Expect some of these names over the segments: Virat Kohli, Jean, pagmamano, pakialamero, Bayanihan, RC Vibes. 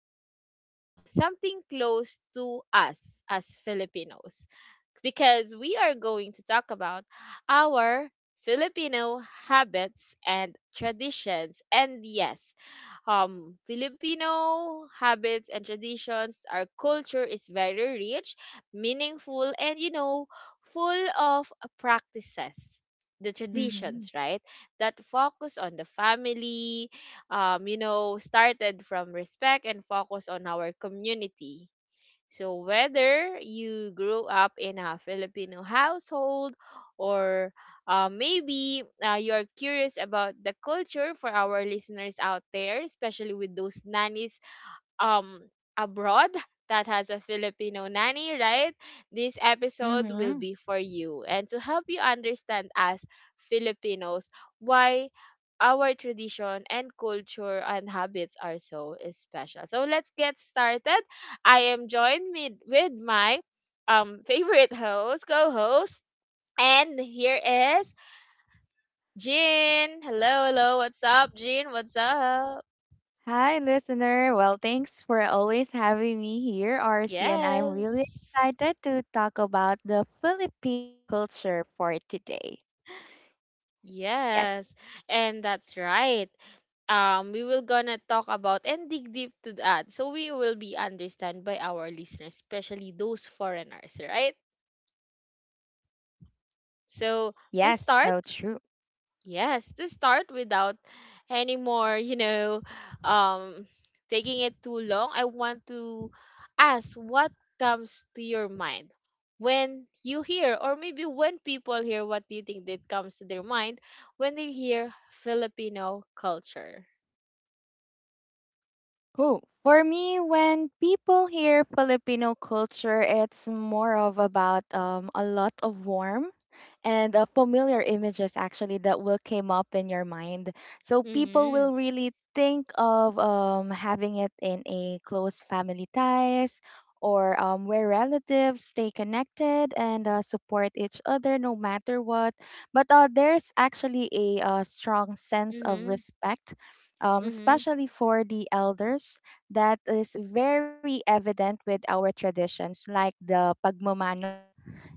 close to home, something close to us as Filipinos, because we are going to talk about our Filipino habits and traditions. And yes, Filipino habits and traditions. Our culture is very rich, meaningful, and you know, full of practices. The Mm-hmm. traditions, right, that focus on the family, you know, started from respect and focus on our community, so whether you grew up in a Filipino household or maybe you're curious about the culture for our listeners out there, especially with those nannies um abroad that has a Filipino nanny, right? This episode will Mm-hmm. be for you and to help you understand as Filipinos why our tradition and culture and habits are so special. So let's get started. I am joined with, my favorite host, co-host, and here is Jean. Hello, hello. What's up, Jean? What's up? Hi, listener. Well, thanks for always having me here, RC, and I'm really Yes. excited to talk about the Filipino culture for today. Yes, Yes, and that's right. We will gonna talk about and dig deep to that, so we will be understand by our listeners, especially those foreigners, right? So to yes, start. so true. Yes, to start without any more, you know, um, taking it too long, I want to ask what comes to your mind when you hear, or maybe when people hear, what do you think that comes to their mind when they hear Filipino culture? Oh, for me, when people hear Filipino culture, it's more of about a lot of warmth and familiar images actually that will came up in your mind. So people Mm-hmm. will really think of having it in a close family ties or where relatives stay connected and support each other no matter what. But there's actually a strong sense of Mm-hmm. respect, Mm-hmm. especially for the elders, that is very evident with our traditions like the pagmamano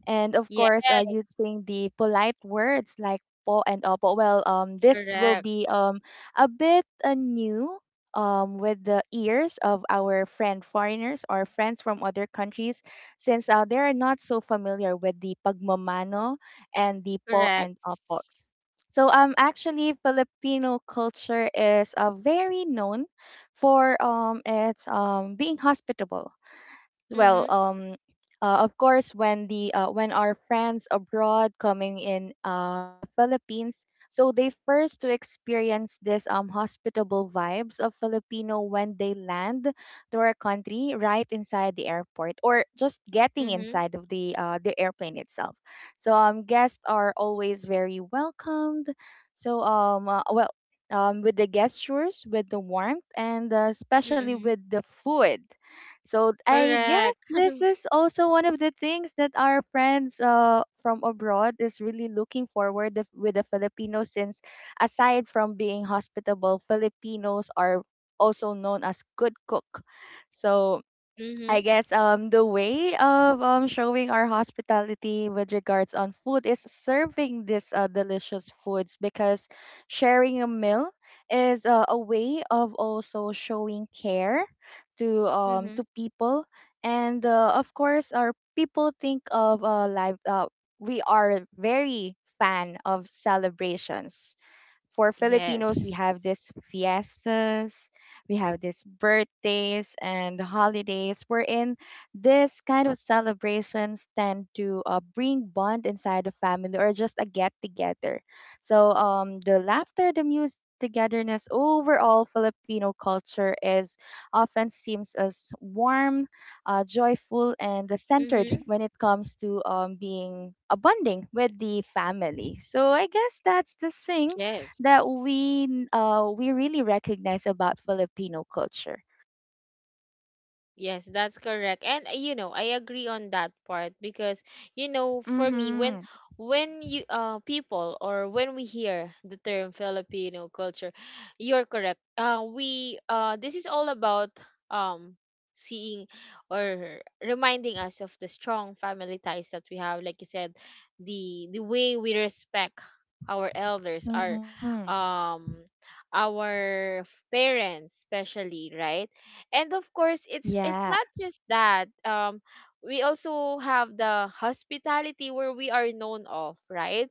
and of course Yes, using the polite words like po and opo. Well, this will correct. be a bit new with the ears of our friend foreigners or friends from other countries, since they are not so familiar with the pagmamano and the po Correct. and opo. So actually Filipino culture is very known for its being hospitable. Well, Mm-hmm. Of course when the when our friends abroad coming in the Philippines, so they first to experience this hospitable vibes of Filipino when they land to our country, right inside the airport or just getting Mm-hmm. inside of the airplane itself. So guests are always very welcomed. So well, with the gestures, with the warmth, and especially with Mm-hmm. the food. So I guess Correct. this is also one of the things that our friends from abroad is really looking forward with the Filipinos, since aside from being hospitable, Filipinos are also known as good cook. So I Mm-hmm. guess the way of showing our hospitality with regards on food is serving this delicious foods, because sharing a meal is a way of also showing care to Mm-hmm. people. And of course our people think of live we are very fan of celebrations. For Filipinos, we have Yes. these fiestas, we have these birthdays and holidays, wherein this kind of celebrations tend to bring bond inside the family or just a get together. So the laughter, the music, the togetherness, overall Filipino culture is often seems as warm, joyful, and Mm-hmm. centered when it comes to being a bonding with the family. So I guess that's the thing Yes. that we really recognize about Filipino culture. Yes, that's correct. And you know, I agree on that part because you know, for Mhm. me when you people, or when we hear the term Filipino culture, you're correct. We this is all about um seeing or reminding us of the strong family ties that we have, like you said, the way we respect our elders, Mhm. um our parents especially, right? And of course, Yeah. it's not just that. We also have the hospitality where we are known of, right?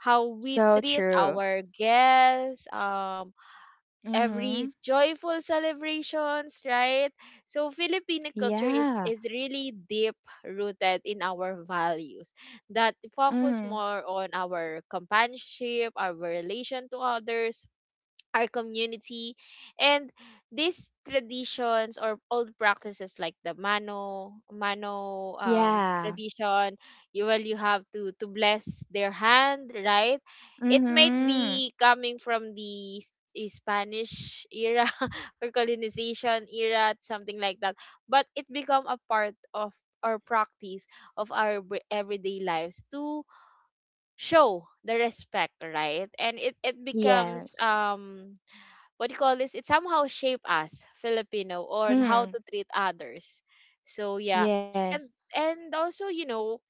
How So we treat true. our guests, Mhm. every joyful celebrations, right? So Filipino culture is Yeah. Really deep rooted in our values that focus Mhm. more on our companionship, our relation to others, our community, and these traditions or old practices like the mano mano Yeah. tradition. You, well, you have to bless their hand, right? It might Mhm. be coming from the Spanish era or colonization era, something like that, but it become a part of our practice of our everyday lives to show the respect, right? And it becomes Yes. What do you call this? It somehow shape us Filipino on Mhm. how to treat others. So yeah, Yes. and also, you know,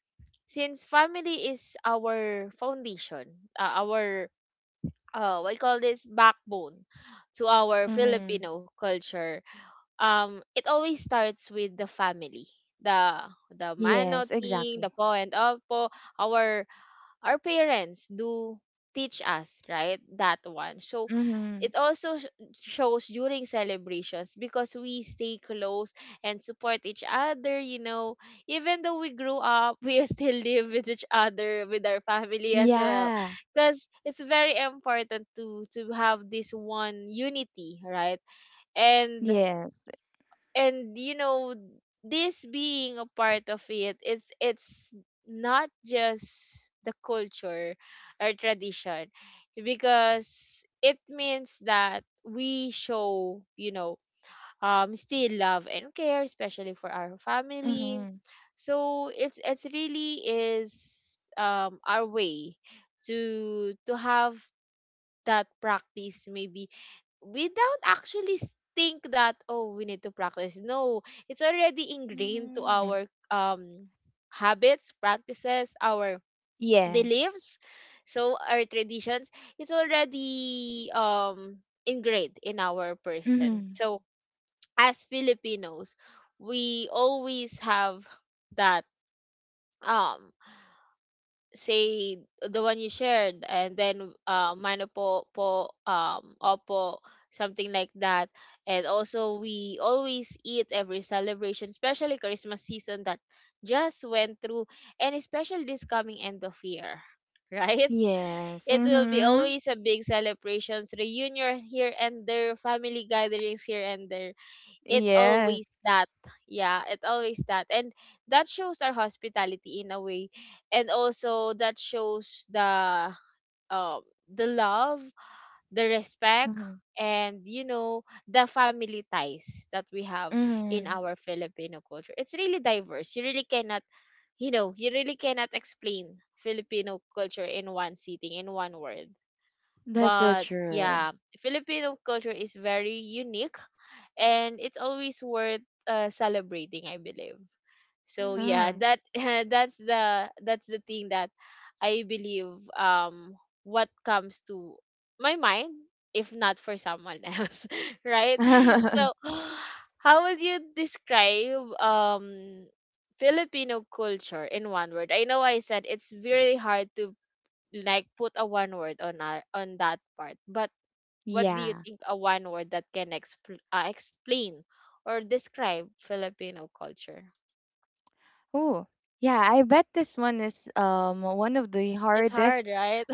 since family is our foundation, our what do you call this, backbone to our Mhm. Filipino culture. It always starts with the family. The Yes, mano exactly. thing, the po and opo, our parents do teach us right that one. So Mhm. it also shows during celebrations because we stay close and support each other, you know, even though we grew up we still live with each other with our family as well, Yeah. because it's very important to have this one unity, right? And Yes. You know, this being a part of it, it's not just the culture or tradition, because it means that we show, you know, still love and care, especially for our Mhm. family. So it's really is our way to have that practice. Maybe we don't actually think that, oh, we need to practice. No, it's already ingrained to Mhm. our um habits, practices, our Yes. beliefs. So our traditions, it's already ingrained in our person. Mhm. So as Filipinos, we always have that um say the one you shared, and then mano po, po, opo, something like that. And also we always eat every celebration, especially Christmas season that just went through, and especially this coming end of year right, Yes. it will be Mhm. always a big celebrations, reunion here and there, family gatherings here and there. It always Yes. that. Yeah, it always that, and that shows our hospitality in a way. And also that shows um the love, the respect, Mhm. and you know, the family ties that we have in Hmm. our Filipino culture. It's really diverse. You really cannot, you know, you really cannot explain Filipino culture in one sitting, in one word. That's so But true. yeah, Filipino culture is very unique, and it's always worth celebrating, I believe. So yeah, Hmm. that that's the thing that I believe um what comes to my mind, if not for someone else right. So how would you describe Filipino culture in one word? I know I said it's really hard to like put a one word on our, on that part, but what do you yeah. think a one word that can explain or describe Filipino culture? Oh, yeah. I bet this one is one of the It's hardest. hard, right?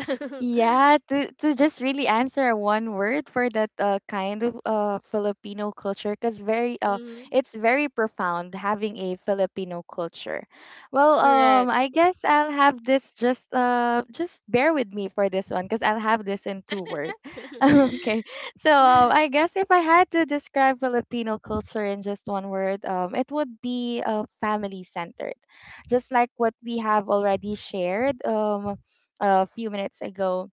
Yeah, to just really answer one word for that kind of Filipino culture, because very Mm-hmm. it's very profound having a Filipino culture. Well, Correct. I guess I'll have this just bear with me for this one, because I'll have this in two words. okay, so I guess if I had to describe Filipino culture in just one word, it would be family centered, just like what we have already shared. A few minutes ago,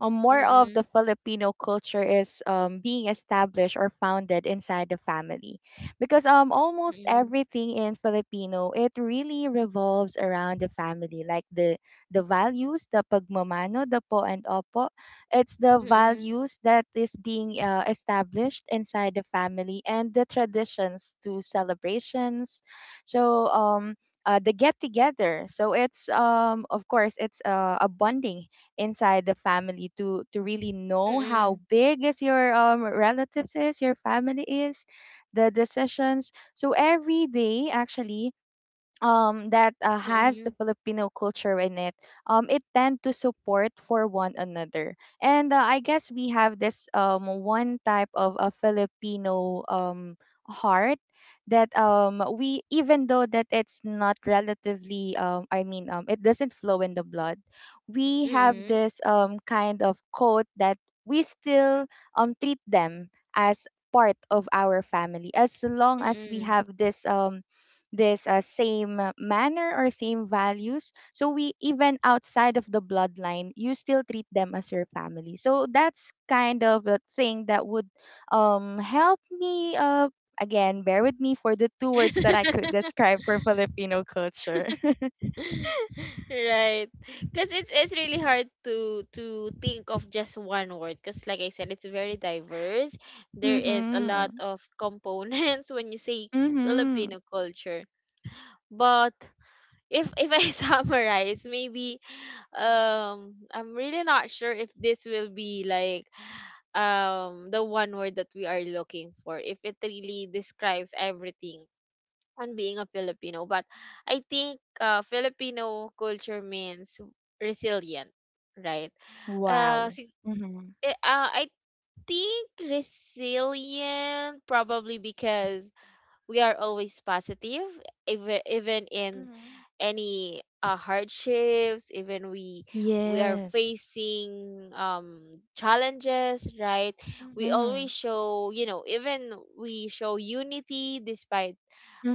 more of the Mm-mm, Filipino culture is being established or founded inside the family, because almost mm-mm, everything in Filipino it really revolves around the family, like the values, the pagmamano, the po and opo. It's the mm-mm, values that is being established inside the family, and the traditions to celebrations. So. The get together, so it's of course it's a bonding inside the family to really know how mm-mm, big is your relatives is your family is the decisions, so every day actually that has the Filipino culture in it, it tend to support for one another. And I guess we have this one type of a Filipino heart that we, even though that it's not relatively I mean it doesn't flow in the blood, we have mm-mm, this kind of code that we still treat them as part of our family as long as we mm-mm. have this same manner or same values, so we even outside of the bloodline you still treat them as your family. So that's kind of a thing that would help me again bear with me for the two words that I could describe for Filipino culture. right, because it's really hard to think of just one word, because like I said, it's very diverse. There is a lot mhm. of components when you say Mhm. Filipino culture. But if I summarize, maybe I'm really not sure if this will be like the one word that we are looking for, if it really describes everything on being a Filipino, but I think Filipino culture means resilient, right? Wow. Uh, so, Mhm. I think resilient probably because we are always positive, even in Mm-hmm. any hardships, even we are Yes. facing challenges, right? We Mm-hmm. always show, you know, even we show unity despite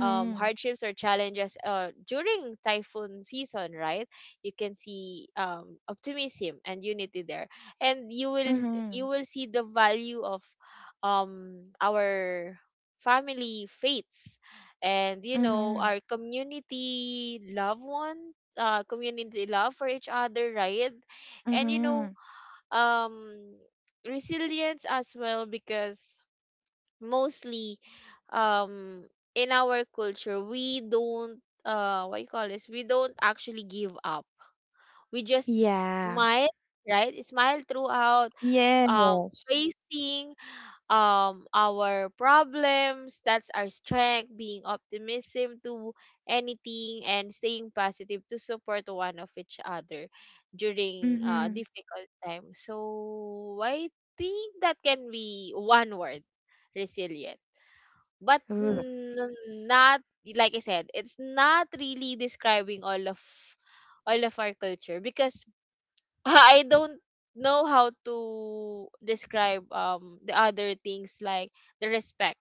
hardships or challenges during typhoon season, right? You can see optimism and unity there, and Mm-hmm. you will see the value of our family faiths, and you know, Mm-hmm. our community love for each other, right? And you know, Mm-hmm. um resilience as well, because mostly um in our culture, we don't what you call this, we don't actually give up. We just Yeah. smile, right, smile throughout um Yes. facing our problems. That's our strength, being optimism to anything and staying positive to support one of each other during Mhm. difficult times. So I think that can be one word, resilience. But Ugh. Not, like I said, it's not really describing all of our culture, because I don't know how to describe the other things, like the respect,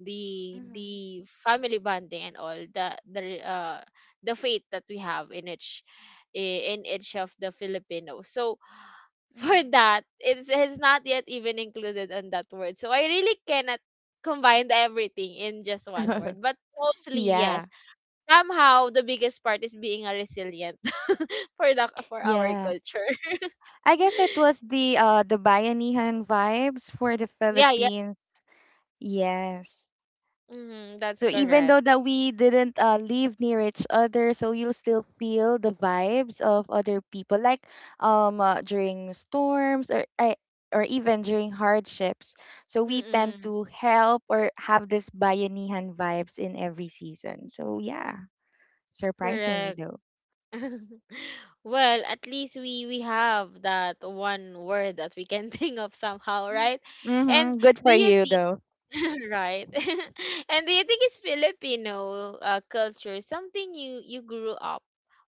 the Mhm. the family bonding, and all the the faith that we have in each in each of the Filipinos. So for Mhm. that, it's not yet even included on that word. So I really cannot combine everything in just one word. But mostly Yeah. yes. Somehow the biggest part is being a resilient for the for our Yeah. culture. I guess it was the Bayanihan vibes for the yeah, yeah. Philippines. Yes. Mm-hmm, that's So even correct. though that we didn't live near each other, so you'll still feel the vibes of other people like during storms or even during hardships. So we tend Mm-mm, to help or have this Bayanihan vibes in every season. So yeah, surprisingly. correct. well, at least we have that one word that we can think of somehow, right? And Mm-hmm. Good for do you you though. Right. And do you think it's Filipino culture something you grew up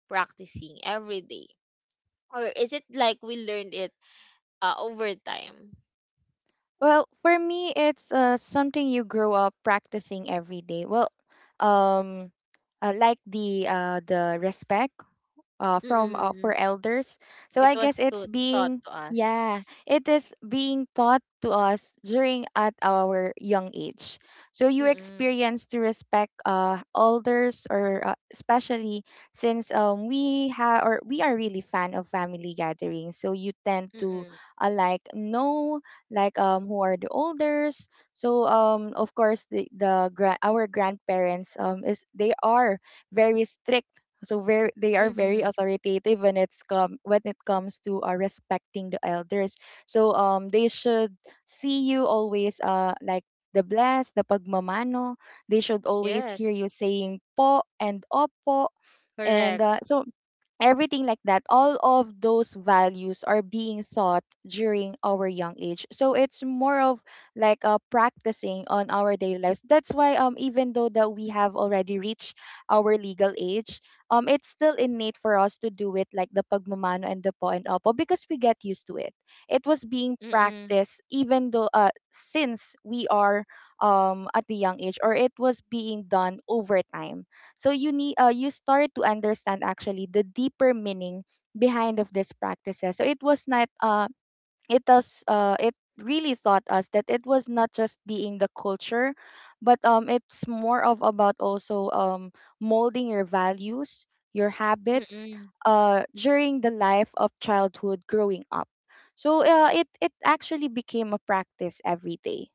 practicing every day? Or is it like we learned it over time? Well, for me, it's something you grow up practicing every day. Well, um, like the respect from Mm-mm. for elders. So It I was guess it's to, taught being, to yeah, us. it is being taught to us during at our young age. So you Mm-mm. experience to respect elders or especially since we have or we are really fan of family gatherings. So you tend to Mm-mm. Like know like who are the elders. So of course our grandparents is they are very strict, so very they are very Mm-mm. authoritative when it comes to respecting the elders. So they should see you always like the pagmamano, they should always hear Yes. you saying po and opo. And Correct. So everything like that, all of those values are being taught during our young age, so it's more of like practicing on our daily lives. That's why even though that we have already reached our legal age, it's still innate for us to do it like the pagmamano and the po and opo, because we get used to it. It was being Mm-mm. practiced even though since we are at the young age, or it was being done over time, so you need you start to understand actually the deeper meaning behind of these practices. So it was not it really taught us that it was not just being the culture, but it's more of about also molding your values, your habits Mm-mm. During the life of childhood growing up. So it actually became a practice every day.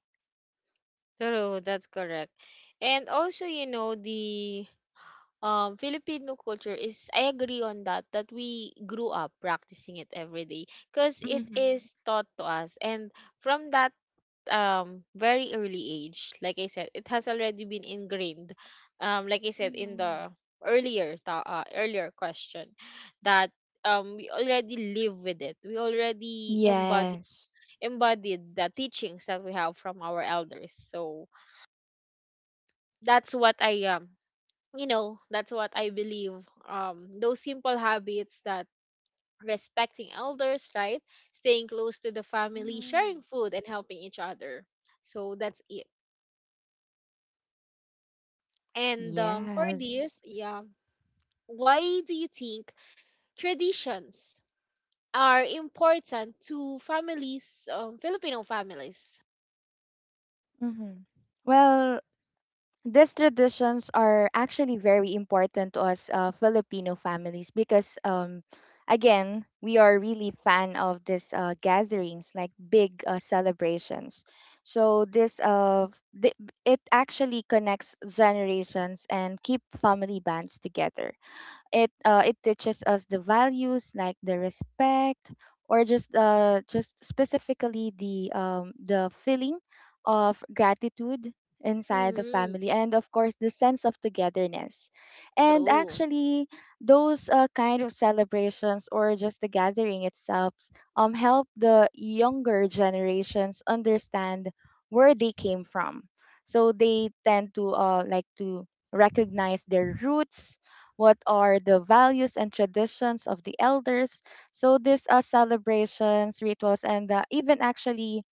True, that's correct. And also, you know, the Filipino culture is, I agree on that, that we grew up practicing it every day, because it Mm-hmm. is taught to us and from that very early age, like I said, it has already been ingrained, like I said, in Mm-hmm. the earlier earlier question, that we already live with it. We already embody Yes. embodied the teachings that we have from our elders. So that's what I am, you know, that's what I believe. Those simple habits that respecting elders, right? Staying close to the family, Mm-hmm. sharing food, and helping each other. So that's it. And for Yes. this, yeah, why do you think traditions are important to families, Filipino families? Mm-hmm. Well, these traditions are actually very important to us Filipino families because, again, we are really fan of these gatherings, like big celebrations. So the, it actually connects generations and keep family bands together. It teaches us the values like the respect, or just specifically the feeling of gratitude inside the Mm-hmm. family, and of course the sense of togetherness. And True. actually those kind of celebrations or just the gathering itself help the younger generations understand where they came from, so they tend to like to recognize their roots, what are the values and traditions of the elders. So these celebrations, rituals, and even actually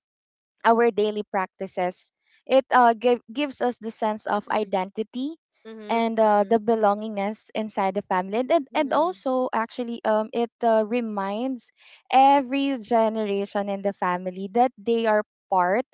our daily practices, it gives us the sense of Mm-hmm. identity Mm-hmm. and the Mm-hmm. belongingness inside the family. And Mm-hmm. also, actually, it reminds every generation in the family that they are part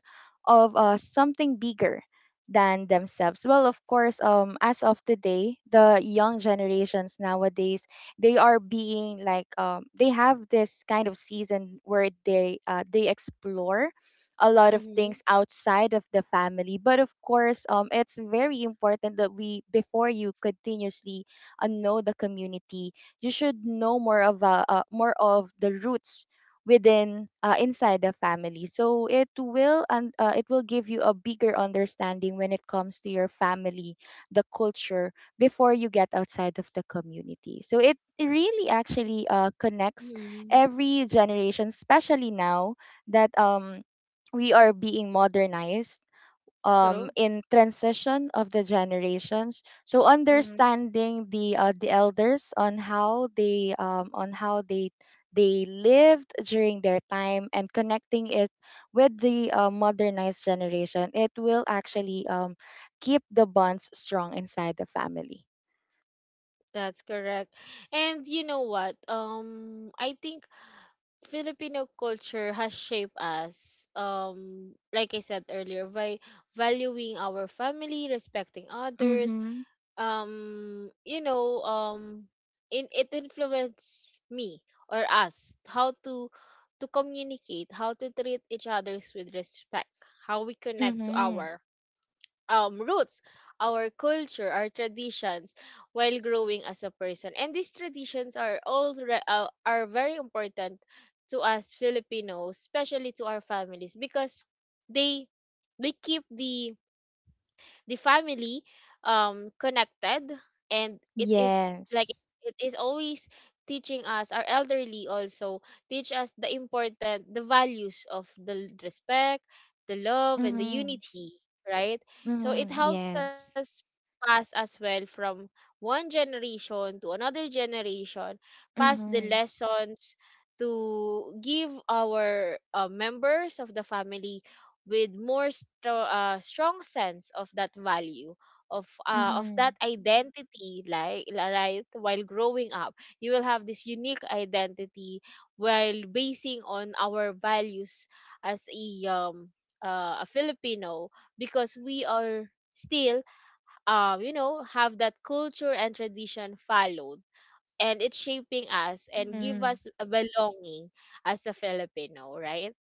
of something bigger than themselves. Well, of course, as of today, the young generations nowadays, they are being like, they have this kind of season where they explore a lot of things outside of the family. But of course, it's very important that we, before you continuously know the community, you should know more of the roots within inside the family. So it will, and it will give you a bigger understanding when it comes to your family, the culture, before you get outside of the community. So it really actually connects Mm-hmm. every generation, especially now that we are being modernized, True. in transition of the generations. So understanding the elders on how they they lived during their time and connecting it with the modernized generation, it will actually keep the bonds strong inside the family. That's correct. And you know what? I think Filipino culture has shaped us, like I said earlier, by valuing our family, respecting others. Mm-hmm. You know, in it influenced me or us how to communicate, how to treat each others with respect, how we connect to Mm-hmm. our roots, our culture, our traditions, while growing as a person. And these traditions are all are very important to us Filipinos, especially to our families, because they they keep the family connected. And it is like Yes. it is always teaching us. Our elderly also teach us the important the values of the respect, the love, and the Mm-hmm. unity, right? So it Mm-hmm. helps us Yes. pass as well from one generation to another generation, pass the Mm-hmm. lessons to give our members of the family with more strong sense of that value, of that Mm-hmm. identity. Like, right, while growing up you will have this unique identity while basing on our values as a Filipino, because we are still, have that culture and tradition followed, and it's shaping us and Mm-hmm. give us a belonging as a Filipino, right?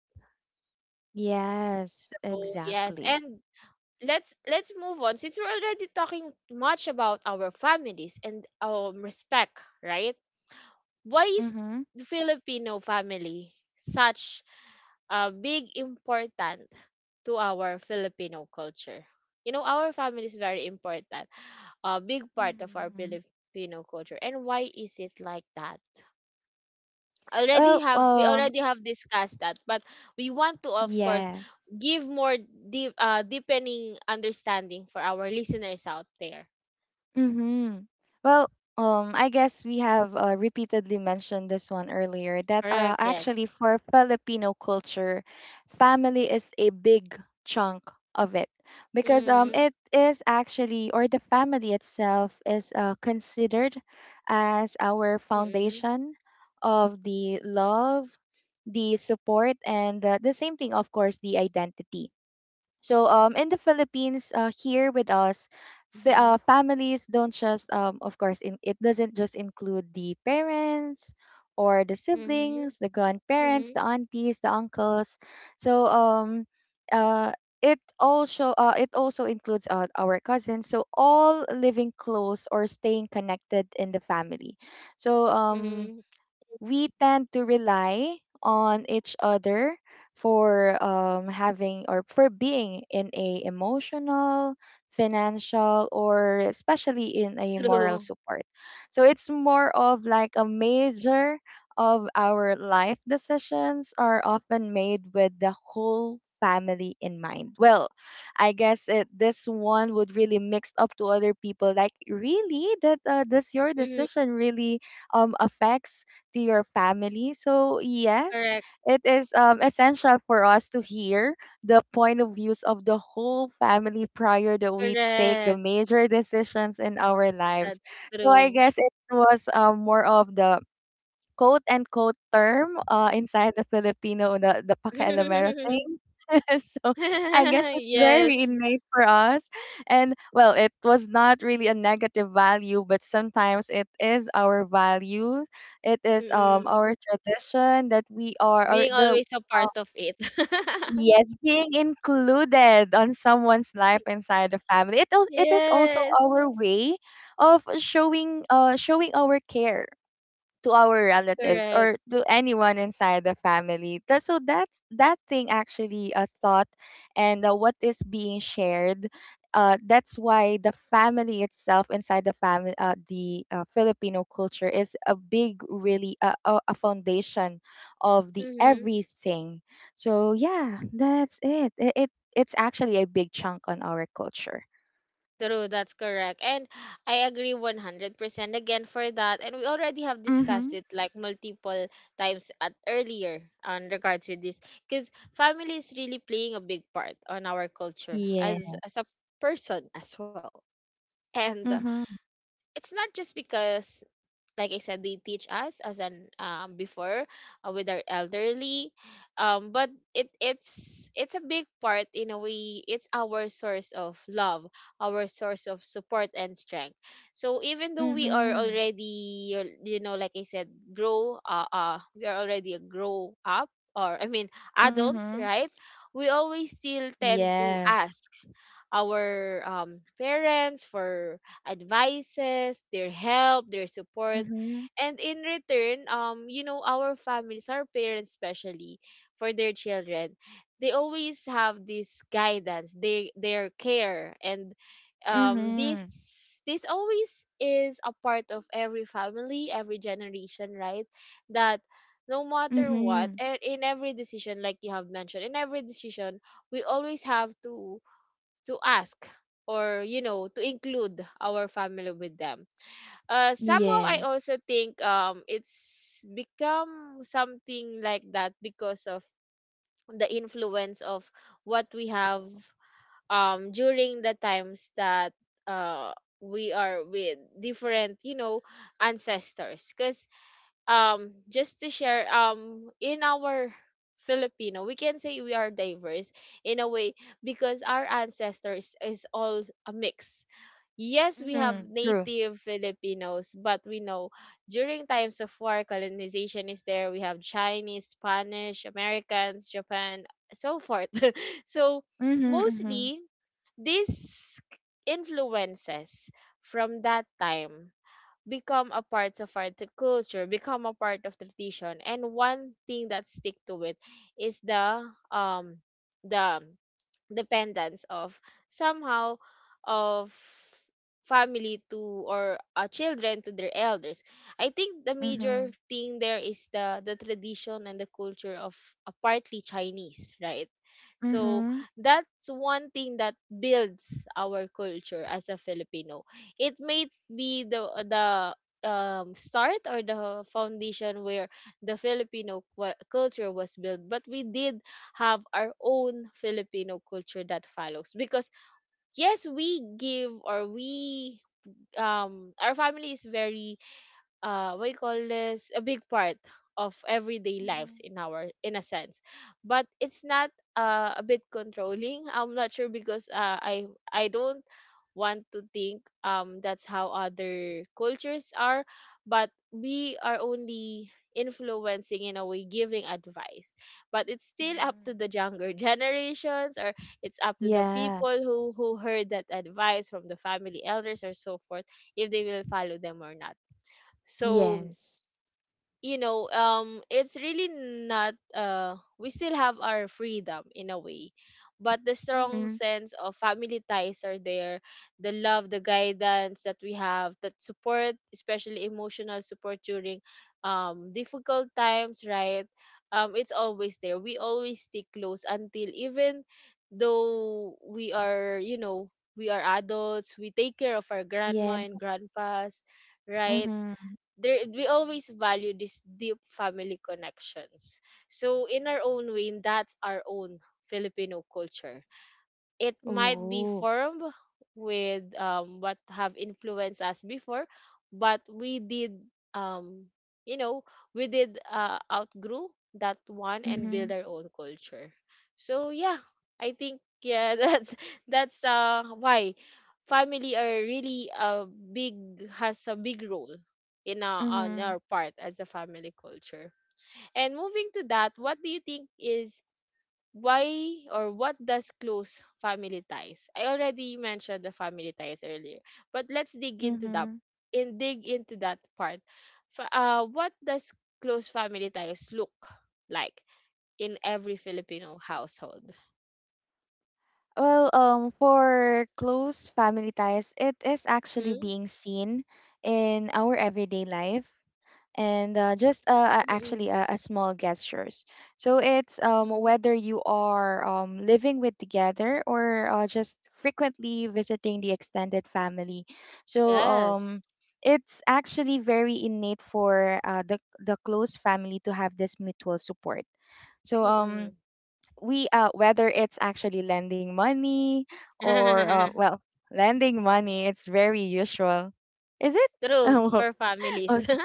Yes, So yes, exactly. and let's move on, since we're already talking much about our families and respect, right? Why is Mm-hmm. the Filipino family such a big important to our Filipino culture? You know, our family is very important, a big part of our Mm-hmm. Filipino culture, and why is it like that? already Well, have we already have discussed that, but we want to, of course, yes. give more deep deepening understanding for our listeners out there. Mm-hmm. Well, I guess we have repeatedly mentioned this one earlier that Correct, yes. actually for Filipino culture, family is a big chunk of it because Mm-hmm. it is actually, or the family itself is considered as our Mm-hmm. foundation of the love, the support, and the same thing, of course, the identity. So in the Philippines, here with us, Mm-hmm. Families don't just, of course, it doesn't just include the parents or the Mm-hmm. siblings, the grandparents, Mm-hmm. the aunties, the uncles. So uh, it also includes our cousins. So all living close or staying connected in the family. So Mm-hmm. We tend to rely on each other for having or for being in a emotional, financial, or especially in a True. moral support, so it's more of like a major of our life decisions are often made with the whole family in mind. Well, this one would really mix up to other people, like really that does your Mm-hmm. decision really affects to your family. So, yes, Correct. it is essential for us to hear the point of views of the whole family prior that we take the Correct, major decisions in our lives. that's So, I true. guess it was more of the quote unquote term inside the Filipino, the pakialamero thing. So I guess it's very Yes. innate for us. And well, it was not really a negative value, but sometimes it is our values. It is Mm-hmm. our tradition that we are or Being the always a part of it. yes being included on someone's life inside the family. It is also Yes. our way of showing showing our care to our relatives Correct. or to anyone inside the family. That, so that's that thing actually a thought and what is being shared. That's why the family itself inside the family, the Filipino culture is a big, really a foundation of the Mm-hmm. everything. So yeah, that's it. It's actually a big chunk on our culture. True, that's correct. And I agree 100% again for that. And we already have discussed Mm-hmm. it like multiple times at earlier on regards with this, because family is really playing a big part on our culture, as Yes. a person as well. And Mm-hmm. it's not just because, like I said, they teach us as an before, with our elderly, But it's a big part in a way. It's our source of love, our source of support and strength. So even though we are Mhm. already, you know, like I said, grow we are already a grow up, or I mean Mhm. adults, right? We always still tend Yes. to ask our parents for advices, their help, their support. Mhm. And in return, you know, our families, our parents especially, for their children, they always have this guidance, they their care, and Mhm. this always is a part of every family, every generation, right? That no matter Mhm. what, and in every decision, like you have mentioned, in every decision, we always have to ask, or you know, to include our family with them. Somehow I Yes. also think it's become something like that because of the influence of what we have during the times that uh we are with different, you know, ancestors. Because just to share, in our Filipino, we can say we are diverse in a way, because our ancestors is all a mix. Yes, we have Mhm. True. native Filipinos, but we know during times of war, colonization is there, we have Chinese, Spanish, Americans, Japan, so forth. So Mhm. Mhm. mostly these influences from that time become a part of our culture, become a part of tradition. And one thing that stick to it is the um the dependence of somehow of family to, or children to their elders. I think the Mhm. major thing there is the tradition and the culture of partly Chinese, right? So Mhm. that's one thing that builds our culture as a Filipino. It may be the start, or the foundation where the Filipino culture was built, but we did have our own Filipino culture that follows. Because yes, we give, or we our family is very what you call this, a big part of everyday lives Mhm. in our, in a sense. But it's not a bit controlling, I'm not sure, because I don't want to think that's how other cultures are. But we are only influencing in a way, giving advice, but it's still up Mhm. to the younger generations, or it's up to the Yeah. people who heard that advice from the family elders or so forth, if they will follow them or not. So Yes. It's really not we still have our freedom in a way, but the Mhm. strong sense of family ties are there, the love, the guidance that we have, that support, especially emotional support during difficult times, right? It's always there. We always stay close, until even though we are, you know, we are adults, we take care of our Yeah. grandma and grandpas, right? Mhm. There we always value these deep family connections. So in our own way, that's our own Filipino culture. It might be Oh. formed with what have influenced us before, but we did um you know we did outgrew that one and build Mhm. our own culture. So yeah, I think, yeah, that's why family are really a big, has a big role in our, on Mhm. our part as a family culture. And moving to that, what do you think is, why or what does close family ties? I already mentioned the family ties earlier, but let's dig into that Mhm. and dig into that part. What does close family ties look like in every Filipino household? Well, for close family ties, it is actually Mm? being seen in our everyday life. And just Mm-mm. actually a small gestures. So it's Mm-hmm. whether you are living with together or just frequently visiting the extended family. So Yes. It's actually very innate for the close family to have this mutual support. So Mm-mm. we whether it's actually lending money or well lending money, it's very usual. Is it? True Oh, for families. okay.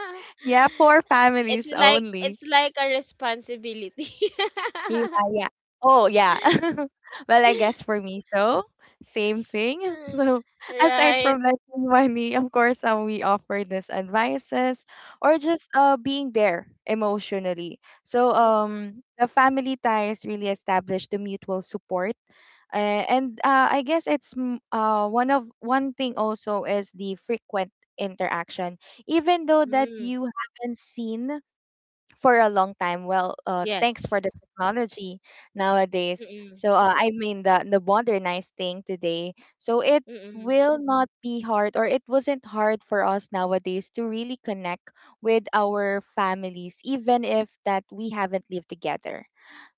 Yeah, for It's families like, only. it's like a responsibility. Yeah, yeah. Oh, yeah. Well, I guess for me, so same thing. So aside Right. from lending money, of course, we offer this advices or just being there emotionally. So the family ties really establish the mutual support, and I guess it's one thing also is the frequent interaction, even though that Mm, you haven't seen for a long time. Well, thanks for the yes. technology nowadays. Mm-mm, So I mean the modernized thing today. So it mm-mm. will not be hard or it wasn't hard for us nowadays to really connect with our families even if that we haven't lived together.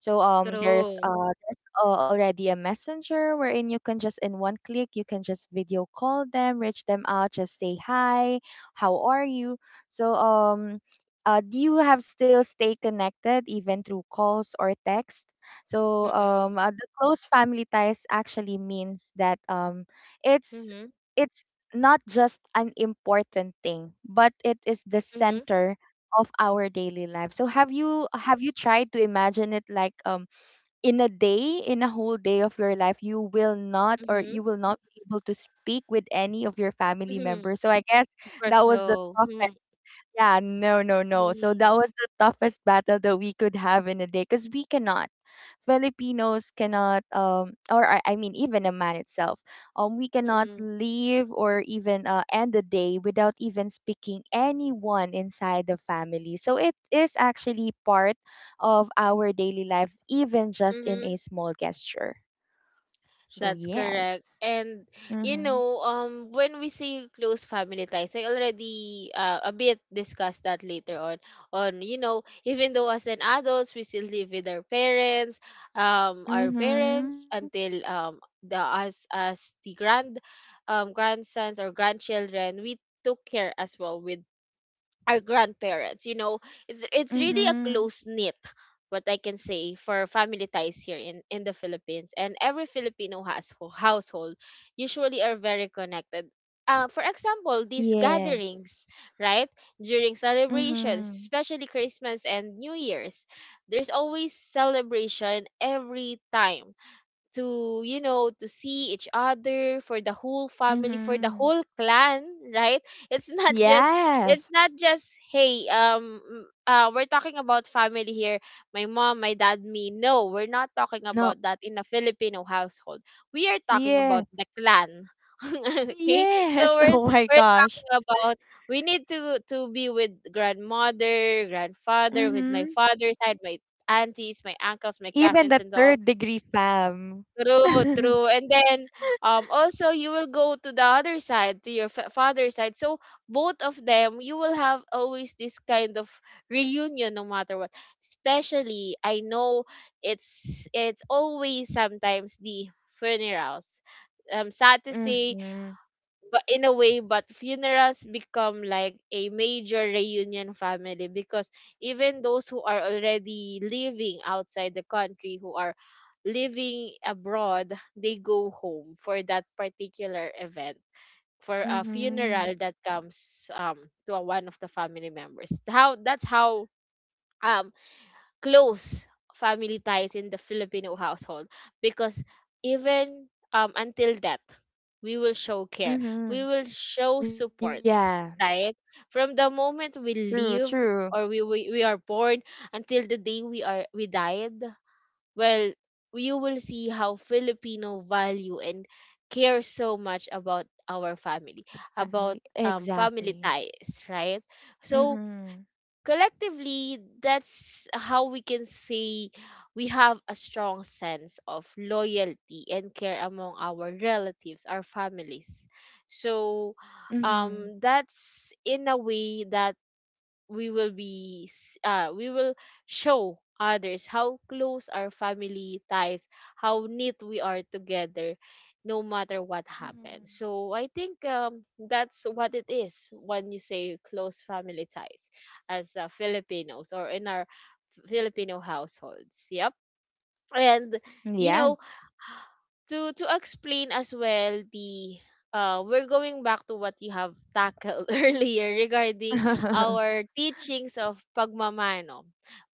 So there's True. uh there's uh, already a messenger wherein you can just in one click you can just video call them, reach them out, just say hi, how are you? So do you have still stay connected even through calls or text? So Mm-mm. The close family ties actually means that it's Mm-hmm. it's not just an important thing, but it is the Mm-hmm. center of our daily life. So have you tried to imagine it like in a day, in a whole day of your life, Mm-hmm. you will not be able to speak with any of your family Mm-hmm. members. So I guess Of that course, was the no. tough. Mm-hmm. Yeah, no, no, no. So Mm-hmm. that was the toughest battle that we could have in a day because we cannot. Filipinos cannot, or I mean, even a man itself, we cannot leave or even end the day without even speaking anyone inside the family. So it is actually part of our daily life, even just in a Mm-hmm. small gesture. So That's correct. yes. And you Mm-hmm. know, when we say close family ties, I already a bit discussed that later on you know, even though as an adults we still live with our Mm-hmm. parents until the as the grandsons or grandchildren, we took care as well with our grandparents. You know, it's really a Mm-hmm. close knit, what I can say, for family ties here in the Philippines, and every Filipino has household usually are very connected. For example, these Yes. gatherings, right, during celebrations, Mm-hmm. especially Christmas and New Year's, there's always celebration every time to, you know, to see each other, for the whole family, for the Mm-hmm. whole clan, right? It's not just, it's Yes. not just, hey, we're talking about family here, my mom, my dad, me? No, we're not talking No. about that in a Filipino household. We are talking Yes. about the clan. Okay, Yes. so we're Oh my we're gosh. talking about, we need to be with grandmother, grandfather, with my Mm-hmm. father's side, my aunties, my uncles, my Even cousins, the and all. third degree fam. True, true. And then also you will go to the other side, to your father's side. So both of them, you will have always this kind of reunion no matter what. Especially I know it's always sometimes the funerals. I'm sad to say, Mm-hmm. but in a way, but funerals become like a major reunion family, because even those who are already living outside the country, who are living abroad, they go home for that particular event, for a Mm-hmm. funeral that comes to a, one of the family members. How, that's how um close family ties in the Filipino household, because even until that, we will show care, Mm-hmm. we will show Yeah. support, right? From the True, moment we true. live, or we are born, until the day we died. Well, you will see how Filipino value and care so much about our family, Family. about family Exactly. ties, right? So Mm-hmm. collectively, that's how we can say we have a strong sense of loyalty and care among our relatives, our families. So Mm-hmm. That's in a way that we will be we will show others how close our family ties, how neat we are together, no matter what Mm-hmm. happens. So I think that's what it is when you say close family ties as Filipinos or in our Filipino households. Yep. And you know, Yes. To explain as well the we're going back to what you have tackled earlier regarding our teachings of pagmamano,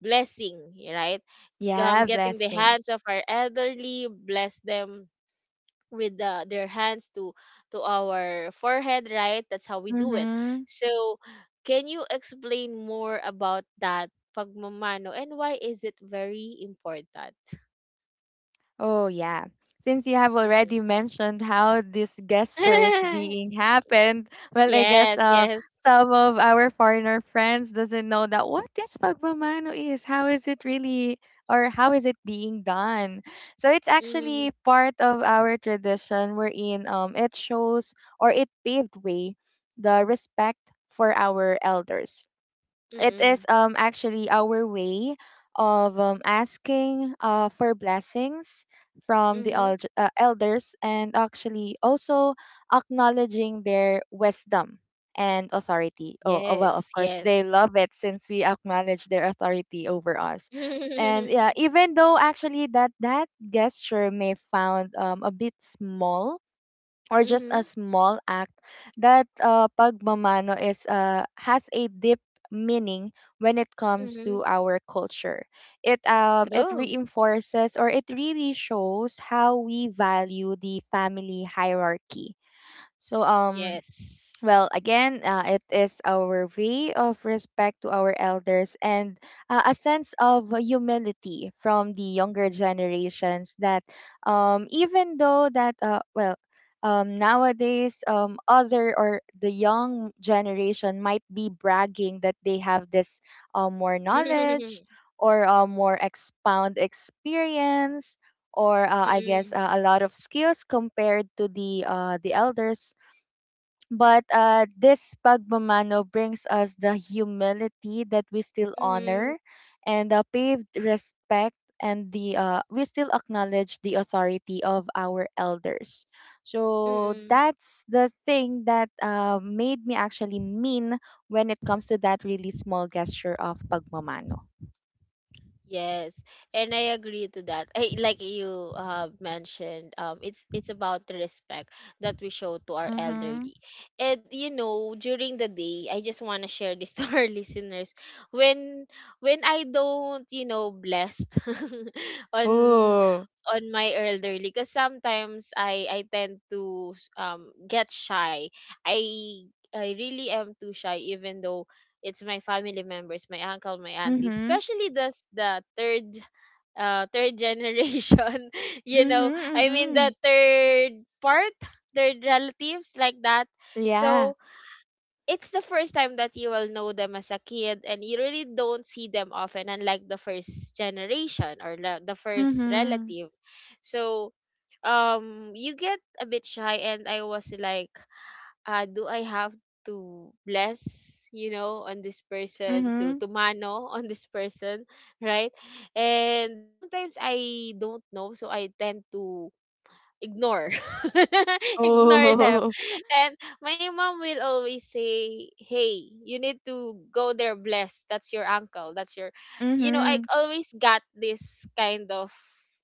blessing, right? Yeah, Getting the blessing. hands of our elderly, bless them with the, their hands to our forehead, right? That's how we do it. Mm-hmm. So can you explain more about that pagmamano and why is it very important? Oh, yeah. Since you have Mhm. already mentioned how this gesture is being happened, well, I guess Yes, yes. some of our foreigner friends doesn't know that what this pagmamano is. How is it really, or how is it being done? So it's Mhm, actually part of our tradition wherein it shows or it paved way the respect for our elders. It mm, is actually our way of asking for blessings from the mhm. Elders and actually also acknowledging their wisdom and authority. Oh, well, Yes, of course yes. they love it since we acknowledge their authority over us. And yeah, even though actually that gesture may found a bit small or just a Mhm, small act, that pagmamano is has a deep meaning when it comes mhm. to our culture. It True. reinforces or it really shows how we value the family hierarchy. So Yes. well, again, it is our way of respect to our elders and a sense of humility from the younger generations that even though that, well, nowadays, other or the young generation might be bragging that they have this more knowledge or more expound experience or I guess Mm, a lot of skills compared to the the elders, but this pagmamano brings us the humility that we still mhm, honor and the paved respect and the we still acknowledge the authority of our elders. So mm. that's the thing that made me actually mean when it comes to that really small gesture of pagmamano. Yes, and I agree to that. I, like you mentioned, it's about the respect that we show to our Mm-hmm. elderly. And you know, during the day, I just want to share this to our listeners. When when I don't, you know, blessed on Oh. on my elderly, because sometimes I tend to get shy. I I really am too shy, even though it's my family members, my uncle, my auntie, Mm-hmm. especially the the third third generation, you know, Mm-hmm. I mean Mm-hmm. the third part, third relatives like that. Yeah. So it's the first time that you will know them as a kid, and you really don't see them often, unlike the first generation or the first Mm-hmm. relative. So you get a bit shy and I was like, do I have to bless, you know, on this person to Mm-hmm. to mano on this person, right? And sometimes I don't know, so I tend to ignore. Ignore them. Oh. And my mom will always say, hey, you need to go there, blessed, that's your uncle, that's your, you know, I Mm-hmm. always got this kind of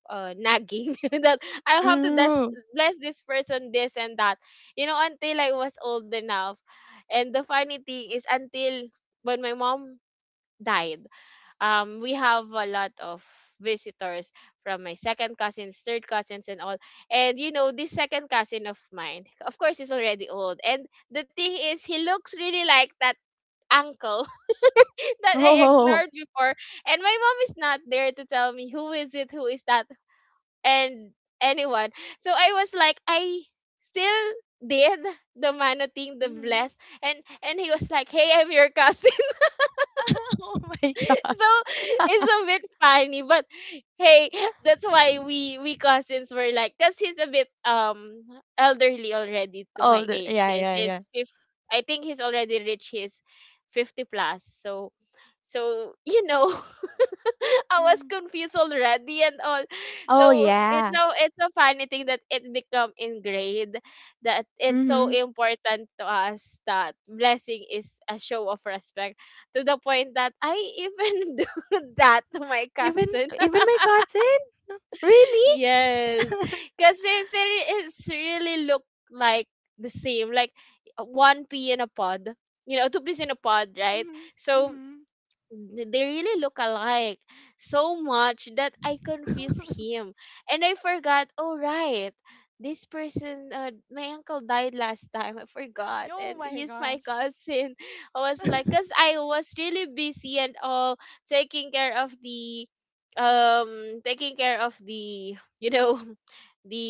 nagging that I'll have to Mhm. bless this person, this and that, you know, until I was old enough. And the funny thing is, until when my mom died, we have a lot of visitors from my second cousins, third cousins, and all. And you know, this second cousin of mine, of course, is already old, and the thing is, he looks really like that uncle that I Oh. ignored before. And my mom is not there to tell me who is it, who is that, and anyone. So I was like, I still did the mano thing, the Mhm. bless. And he was like, hey, I'm your cousin. Oh my god. So it's a bit funny, but hey, that's why we cousins were like, because he's a bit elderly already to my Older. age. Yeah, yes yeah, he's yeah. fif- I think he's already reached his 50 plus, so so, you know, I was Mhm. confused already and all. Oh, So it's, yeah. so it's a funny thing that it become ingrained, that it's so Mhm. important to us that blessing is a show of respect, to the point that I even do that to my Even cousin. even my cousin? Really? Yes, because it's it's really look like the same, like one pea in a pod. You know, two peas in a pod, right? Mhm. So Mhm. They really look alike so much that I confused him. And I forgot, oh, right, this person, my uncle died last time. I forgot. Oh And my he's my gosh. cousin. I was like, because I was really busy and all, taking care of the, taking care of the, you know,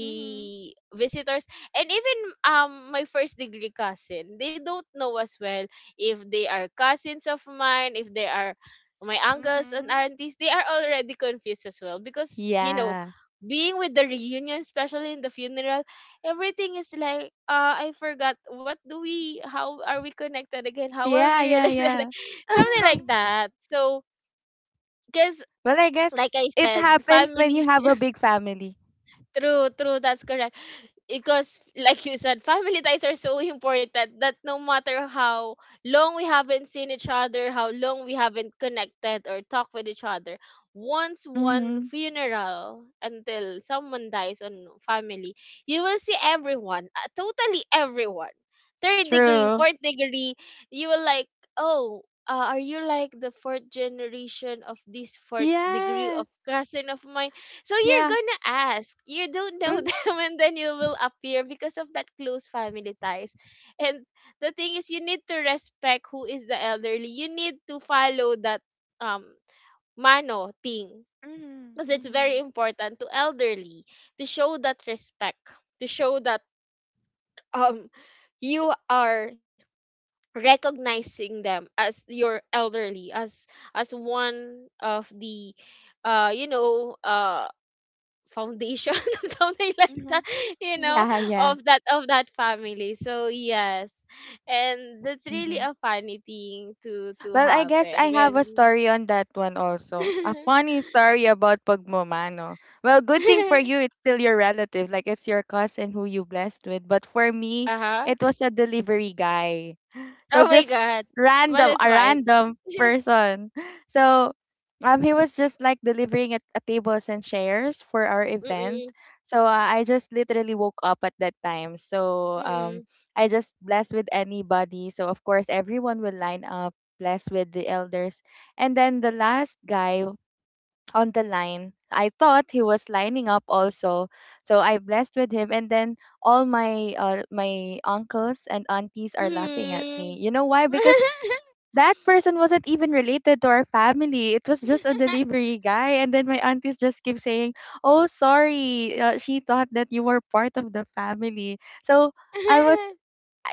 Mhm. visitors. And even my first degree cousin, they don't know as well, if they are cousins of mine, if they are my uncles and Mhm. aunties, they are already confused as well, because you know, Yeah. being with the reunion, especially in the funeral, everything is like, I forgot, what do we, how are we connected again? How are we Yeah, yeah, related? yeah. Something like that. So, because Well, I like guess I it said, happens when you family. have a big family. True, true. That's correct, because like you said, family ties are so important that no matter how long we haven't seen each other, how long we haven't connected or talked with each other, once one Mhm. funeral, until someone dies on family, you will see everyone, totally everyone, third degree, True. fourth degree. You will like, oh, are you like the fourth generation of this, fourth degree of Yes. cousin of mine? So you're Yeah. gonna ask. You don't know Mm. them, and then you will appear because of that close family ties. And the thing is, you need to respect who is the elderly. You need to follow that um mano thing, Mhm. because it's very Mhm. important to elderly, to show that respect, to show that um you are recognizing them as your elderly, as one of the, you know, foundation, something like that, Mhm. you know, Yeah, yeah. of that, of that family. So yes, and that's really Mhm. a funny thing to Well, I guess happen I have a when story on that one also. A funny story about pagmamano. Well, good thing for you, it's still your relative, like it's your cousin who you blessed with. But for me, uh-huh. it was a delivery guy. So Oh my just god. But random, that's a fine. random person. So he was just like delivering at tables and chairs for our event. Mm-mm. So I just literally woke up at that time. So Mm-mm. I just blessed with anybody. So of course everyone will line up, blessed with the elders, and then the last guy on the line. I thought he was lining up also. So I blessed with him and then all my uncles and aunties are laughing at me. Mm. You know why? Because that person wasn't even related to our family. It was just a delivery guy and then my aunties just keep saying, "Oh, sorry. She thought that you were part of the family." So I was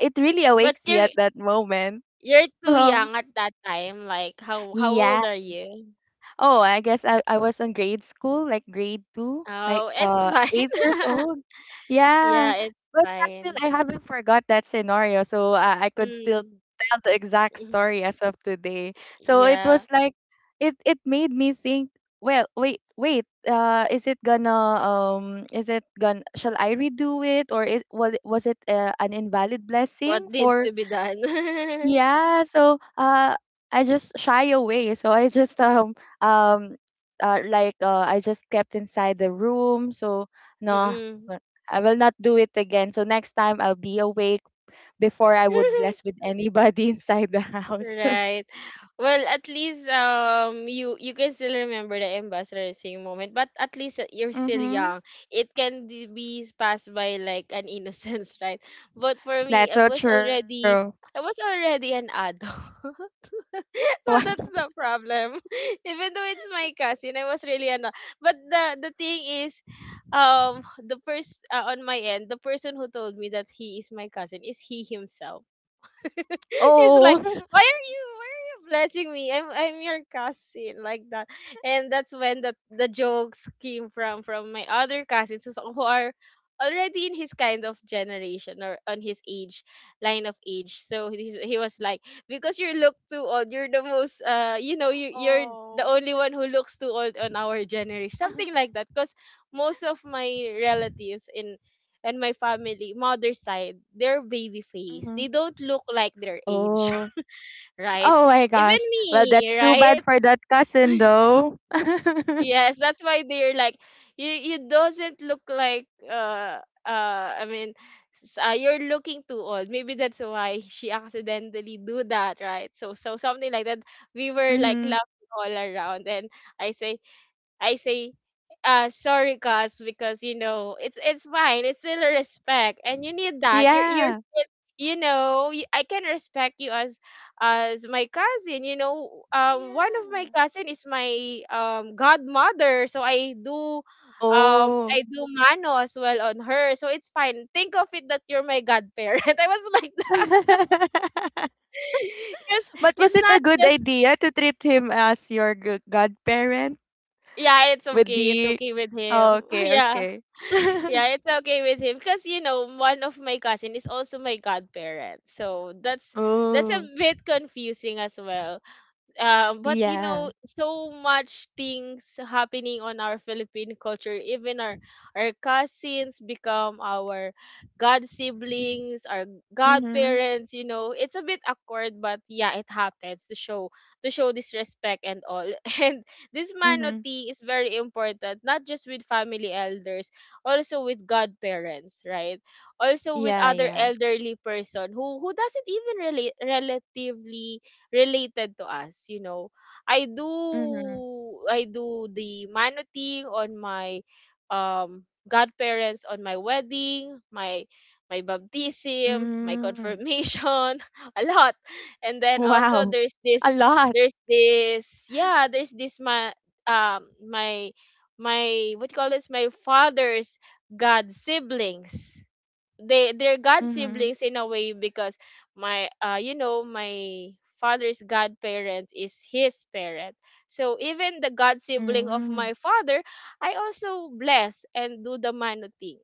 it really But awakes me you're at that moment. you're too young at that time. Like, how Yeah. old are you? Oh, I guess I was in grade school, like grade two, like Oh, it's 8 years fine. old. Yeah. Yeah, it's But fine. I haven't forgot that scenario, so I could still Mm, tell the exact mhm. story as of today. So it Yeah. was like it made me think, well, wait, wait, is it gonna shall I redo it or is was it an invalid What blessing needs for. to be done. Yeah, so I just shy away. So I just um like I just kept inside the room. So no, Mm. no, I will not do it again. So next time I'll be awake before I would bless with anybody inside the house. Right. Well, at least, you you can still remember the ambassador singing moment, but at least, you're still Mm-hmm. young. It can be passed by like an innocence, right? But for me, That's I so was true. already, I was already an adult. So Wow. that's the problem. Even though it's my cousin, I was really an but the thing is, the first, on my end, the person who told me that he is my cousin is he himself. It's like, Oh. Why are you blessing me? I'm your cousin, like that. And that's when the jokes came from my other cousins who are already in his kind of generation or on his age, line of age. So he's, he was like, because you look too old, you're the most, you know, you're the Oh. only one who looks too old on our generation, something like that, because most of my relatives in and my family, mother side, they're baby face. Hmm. They don't look like their age, Oh. right? Oh my Even gosh. Well, me, that's too right? bad for that cousin though. Yes, that's why they're like, you doesn't look like, I mean, you're looking too old. Maybe that's why she accidentally do that, right? So, so something like that. We were like Mm-hmm. laughing all around, and I say, I say, sorry, Gus, because you know, it's fine. It's still a respect, and you need that. You're Yeah. still, you know, I can respect you as my cousin. You know, one of my Yeah. cousin is my godmother, so I do. Oh. I do mano as well on her, so it's fine. Think of it that you're my godparent. I was like, because But was it's it a not good just, idea to treat him as your godparent yeah, it's with okay. It's the. okay with Oh, him. okay, Yeah. okay. Yeah, it's okay with him because you know, one of my cousin is also my godparent, so that's a Oh, bit confusing as well, but you yeah. know, so much things happening on our Philippine culture. Even our cousins become our god siblings, our Mm-hmm. godparents. You know, it's a bit awkward, but yeah, it happens to show, to show this respect and all. And this Mm-hmm. manoti is very important, not just with family elders, also with godparents, right? Also with Yeah, other yeah. elderly person who doesn't even really relatively related to us, you know. i Mm-hmm. do i do the manoting on my godparents, on my wedding, my baptism, Mm. my confirmation. A lot. And then Wow. also, A there's lot. this, there's this, yeah, there's this, my my, my, what you call this, my father's god siblings. They're god Mm-hmm. siblings in a way, because my, you know, my father's godparent is his parent. So even the god sibling of Mm. my father, I also bless and do the mano thing,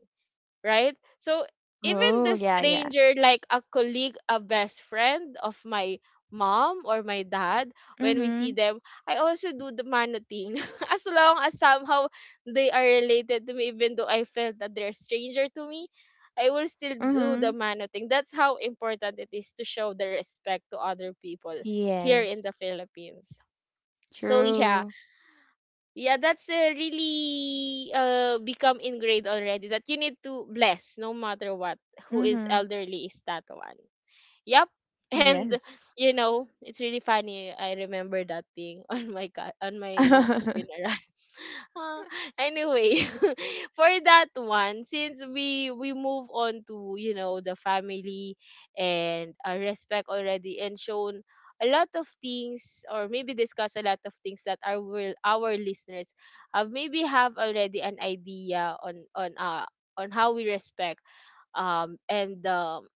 right? So Oh, even the yeah, yeah. stranger, like a colleague, a best friend of my mom or my dad, when we Mm-hmm. see them, I also do the mano as long as somehow they are related to me, even though I felt that they're stranger to me, I will still do Mm-hmm. the mano. That's how important it is to show the respect to other people here in the Yes. Philippines. So yeah, True. yeah, that's really become ingrained already that you need to bless no matter what who is Mm-hmm. elderly is that one. Yep. And Yes. you know, it's really funny. I remember that thing on on my mom's funeral. uh, anyway, for that one, since we move on to, you know, the family and, respect already and shown a lot of things, or maybe discuss a lot of things, that our, will our listeners have, maybe have already an idea on, on how we respect and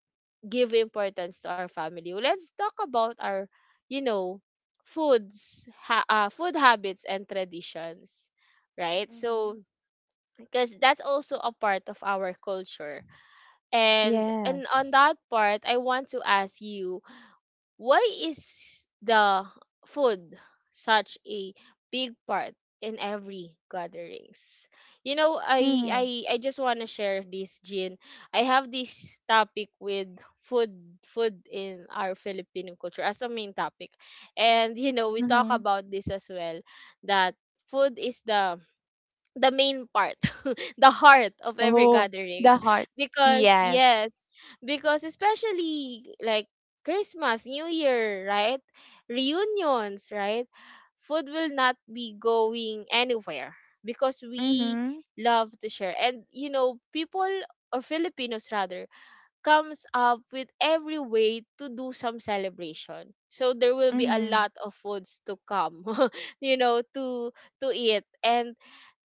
give importance to our family. Well, let's talk about our, you know, foods, food habits and traditions, right? So, Mm-hmm. because that's also a part of our culture. And on Yes. that part, I want to ask you, why is the food such a big part in every gatherings? You know, I Mm, I I just want to share this, Jean. I have this topic with food food in our Filipino culture as a main topic. And you know, we talk mhm. about this as well, that food is the main part, the heart of every Oh, the gatherings. heart. Because Yes. yes, because especially like Christmas, New Year, right, reunions, right, food will not be going anywhere, because we Mhm. love to share, and you know, people, or Filipinos rather, comes up with every way to do some celebration, so there will be a Mhm. lot of foods to come. You know, to eat. And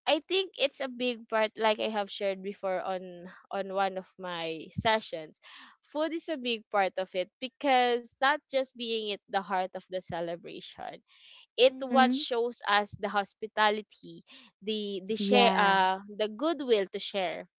I think it's a big part, like I have shared before on one of my sessions. Food is a big part of it because not just being it the heart of the celebration, it what Mhm. shows us the hospitality, the share, Yeah. The goodwill to share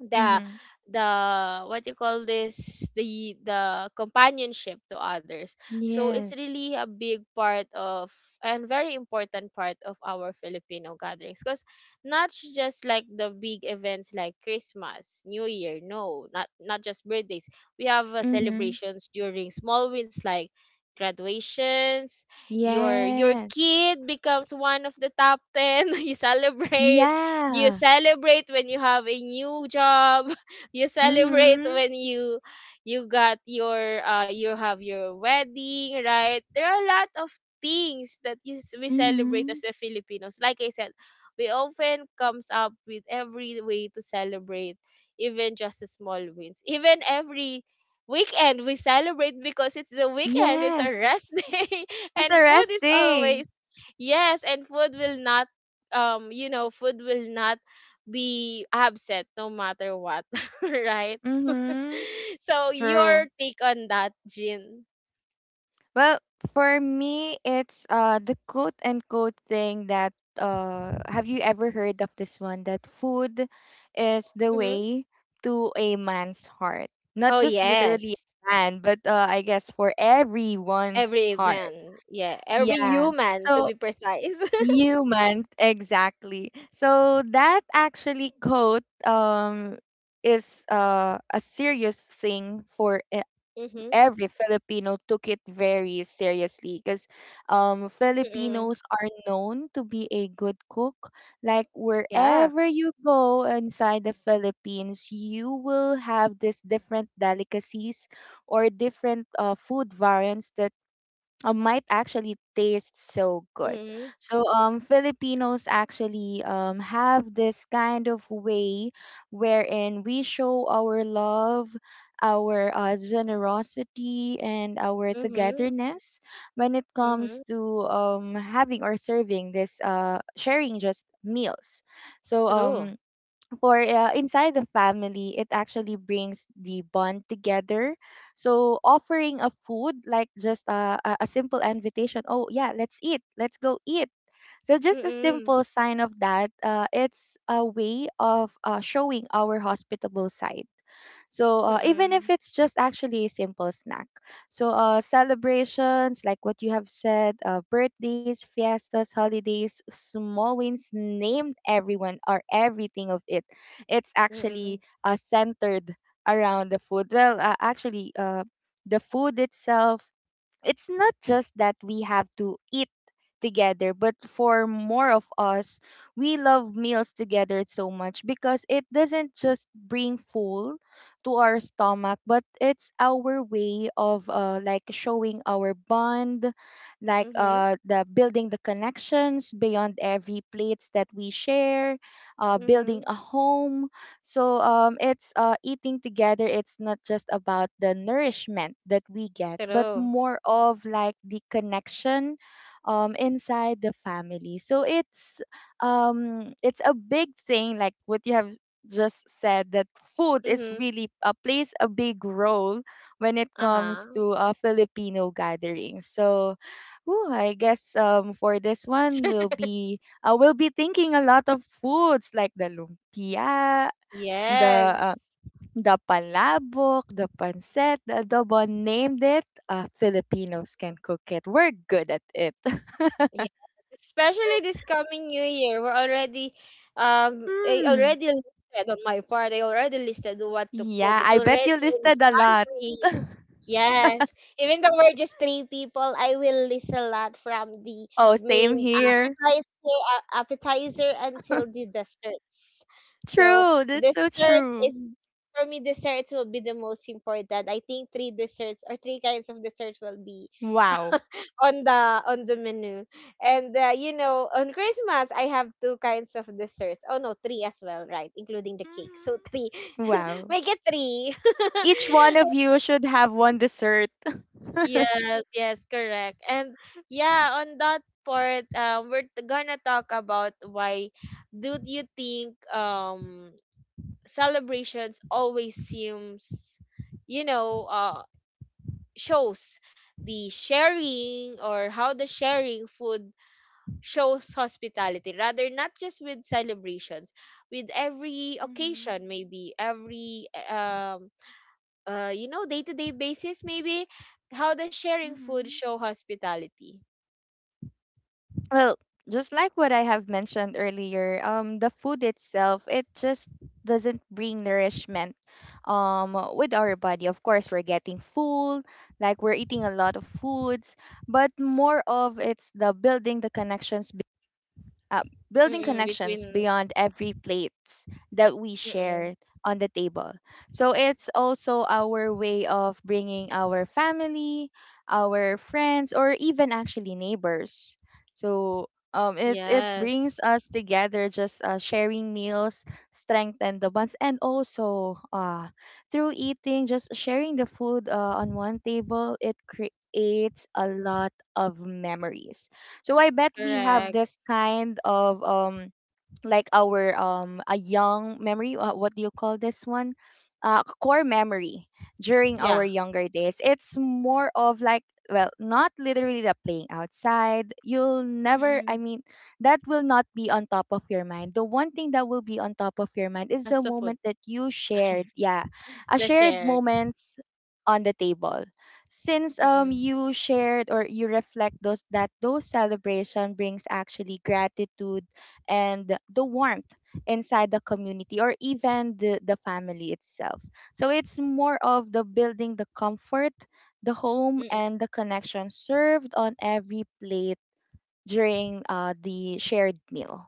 the Mhm. the what you call this the companionship to others, so it's Yes. really a big part of and very important part of our Filipino gatherings because not sh- just like the big events like Christmas, New Year. No, not just birthdays, we have Mhm. celebrations during small wins like graduations. Your Yes. kid becomes one of the top 10, you celebrate. You Yeah. celebrate when you have a new job. You celebrate Mhm. when you got your you have your wedding, right? There are a lot of things that we celebrate as Mhm. the Filipinos. Like I said, we often comes up with every way to celebrate, even just the small wins. Even every weekend we celebrate because it's the weekend, it's a Yes. rest day. It's And a food rest is day. always, yes, and food will not you know food will not be upset no matter what. Right? Mhm. So True. your take on that, Jin? Well, for me, it's the quote and quote thing that have you ever heard of this one that food is the Hmm. way to a man's heart. Not Oh just literally yes. a man, but I guess for everyone's Every heart. man. Yeah. Every Yeah. human to So be precise. human, exactly. So that actually quote is a serious thing for Mm-hmm. every Filipino took it very seriously because Mm-mm. Filipinos are known to be a good cook. Like Yeah. wherever you go inside the Philippines, you will have these different delicacies or different food variants that might actually taste so good. Mm-mm. So Filipinos actually have this kind of way wherein we show our love, our generosity and our Mm-hmm. togetherness when it comes Mm-hmm. to having or serving this sharing just meals. So True. For inside the family it actually brings the bond together so offering a food like just a simple invitation, oh yeah, let's eat, let's go eat, so just a simple Mm-mm. sign of that, it's a way of showing our hospitable side so even if Mm-mm. it's just actually a simple snack. So celebrations, like what you have said, birthdays, fiestas, holidays, small wins, named everyone or everything of it. It's actually Mm-mm. Centered around the food. Well, actually, the food itself, it's not just that we have to eat together, but for more of us we love meals together so much because it doesn't just bring full to our stomach, but it's our way of like showing our bond, like Mm-hmm. The building the connections beyond every plates that we share, building Mm-hmm. a home. So it's eating together. It's not just about the nourishment that we get, but True. more of like the connection inside the family. So it's a big thing, like what you have just said, that food is Mm-hmm. really plays a big role when it comes Uh-huh. to Filipino gatherings. So. Ooh, I guess for this one we'll be thinking a lot of foods like the lumpia, the Yes. uh, the palabok, the pancit, the adobo, named it. Filipinos can cook it. We're good at it. Yeah, especially this coming new year, we're already I Hmm. already listed on my part. I already listed what to Yeah, cook. It's I already bet you in the listed a lot. pantry. Yes, even though we're just three people, I will list a lot from the Oh, same main here. appetizer, appetizer until the desserts. So True. That's so dessert true. is for me. Desserts will be the most important. I think three desserts or three kinds of desserts will be Wow. on the on the menu and you know, on Christmas I have two kinds of desserts. Oh no, three as well, right? Including the cake, so Hmm. three. Wow. Make it three. Each one of you should have one dessert. Yes, yes, correct. And yeah, on that part, gonna talk about why do you think celebrations always seems, you know, uh, shows the sharing, or how the sharing food shows hospitality rather, not just with celebrations, with every Mm-hmm. occasion, maybe every you know, day-to-day basis. Maybe how does sharing food Mm-hmm. show hospitality? Well, just like what I have mentioned earlier, the food itself, it just doesn't bring nourishment um with our body. Of course, we're getting full, like we're eating a lot of foods, but more of it's the building the connections, uh, building Mm-mm, connections between beyond every plates that we mm-mm. share on the table. So it's also our way of bringing our family, our friends, or even actually neighbors. So it brings Yes, us together, just sharing meals, strengthen the bonds, and also through eating, just sharing the food on one table, it creates a lot of memories. So I bet we have correct. this kind of like our a young memory, what do you call this one, core memory, during Yeah. our younger days it's more of like, well, not literally the playing outside, you'll never, I Mm-mm. mean that will not be on top of your mind. The one thing that will be on top of your mind is That's the the food. moment that you shared, yeah, a The shared shared. moments on the table, since Mm-mm. you shared or you reflect those that those celebration brings actually gratitude and the warmth inside the community or even the family itself. So it's more of the building the comfort, the home, and the connection served on every plate during the shared meal.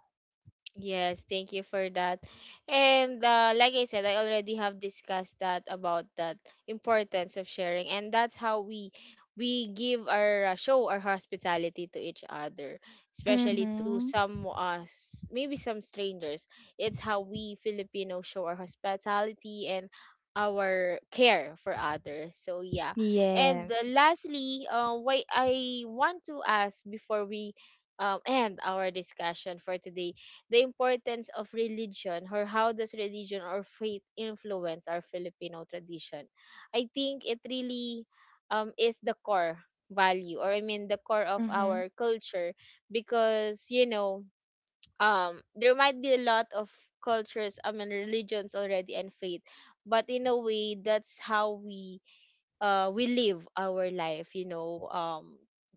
Yes, thank you for that. And like I said, I already have discussed that about that importance of sharing, and that's how we give our show our hospitality to each other, especially to Mm-hmm. some maybe some strangers. It's how we Filipinos show our hospitality and our care for others. So yeah, and Yes. lastly, why I want to ask before we end our discussion for today, the importance of religion, or how does religion or faith influence our Filipino tradition. I think it really is the core value, or I mean the core of Mm-hmm. our culture, because you know, um, there might be a lot of cultures, I mean religions already and faith, but in a way that's how we live our life, you know,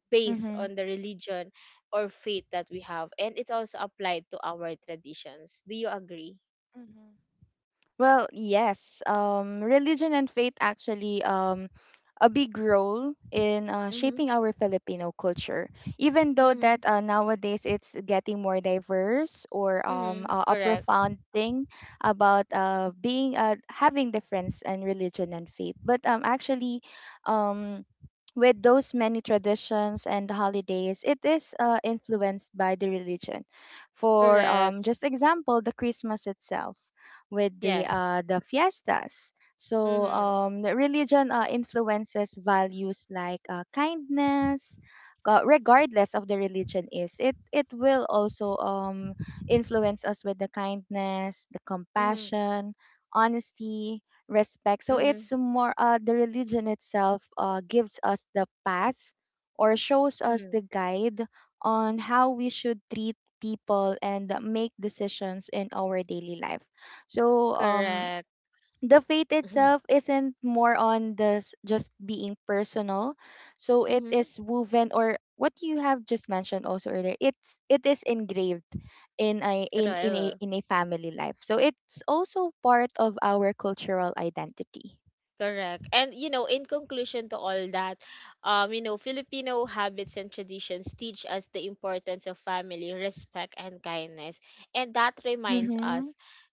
based on Mm-hmm. the religion or faith that we have, and it's also applied to our traditions. Do you agree? Mm-hmm. Well, yes. Religion and faith actually a big role in Mm-hmm. shaping our Filipino culture. Even though Mm-hmm. that nowadays it's getting more diverse or Mm-hmm. A Correct. profound thing about being having difference in religion and faith. But actually, um, with those many traditions and holidays, it is influenced by the religion. For Correct. Just example, the Christmas itself with Yes. The fiestas, so, Mm-hmm. The religion influences values like kindness, regardless of the religion is. It will also influence us with the kindness, the Mm-hmm. compassion, honesty, respect. So Mm-hmm. it's more the religion itself gives us the path or shows us Mm-hmm. the guide on how we should treat people and make decisions in our daily life. So Correct. the faith itself isn't more on this just being personal, so it Mm-hmm. is woven, or what you have just mentioned also earlier, it is engraved Correct. in a family life, so it's also part of our cultural identity. Correct. And you know, in conclusion to all that, you know, Filipino habits and traditions teach us the importance of family, respect and kindness. And that reminds us Mm-hmm.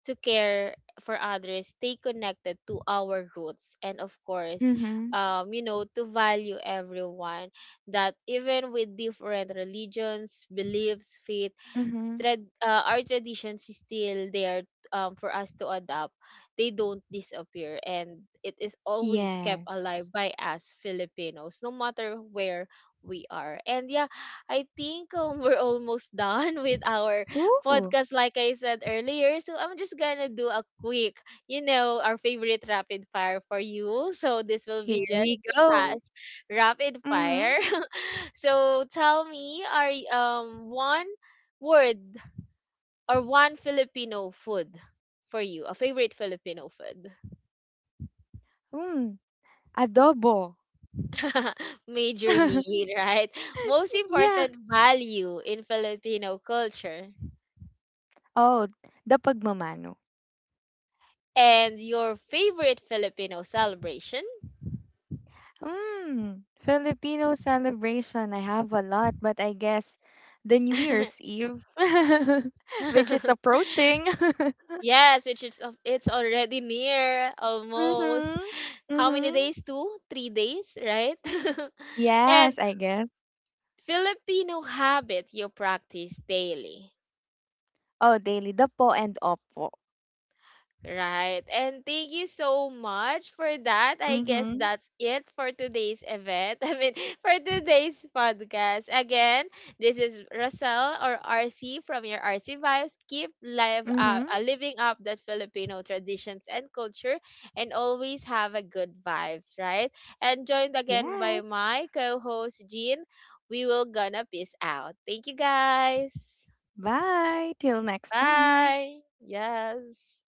to care for others, stay connected to our roots, and of course, Mm-hmm. You know, to value everyone, that even with different religions, beliefs, faith, Mm-hmm. Our traditions is still there for us to adopt. They don't disappear, and it is always kept Yes. alive by us Filipinos, no matter where we are. And yeah, I think we're almost done with our Ooh, podcast, like I said earlier. So I'm just gonna do a quick, you know, our favorite rapid fire for you. So this will here be we just go. fast rapid Mm-hmm. fire. So tell me, one word or one Filipino food for you, a favorite Filipino food. Mm, adobo. Majorly, right? Most Yeah. important value in Filipino culture, Oh, the pagmamano. and your favorite Filipino celebration. Hmm, Filipino celebration. I have a lot, but I guess the New Year's Eve, which is approaching. Yes, which is of- it's already near almost. Mm-hmm. How many Mm-hmm. days? Two, 3 days, right? And Yes, I guess. Filipino habit you practice daily. Oh, daily po and opo. Right. And thank you so much for that. I guess Mm-hmm. that's it for today's event. I mean, for today's podcast. Again, this is Russell or RC from your RC Vibes. Keep live, Mm-hmm. Living up that Filipino traditions and culture, and always have a good vibes, right? And joined again by Yes. my co-host, Jean. We will gonna peace out. Thank you guys. Bye. Till next time. Bye. Yes.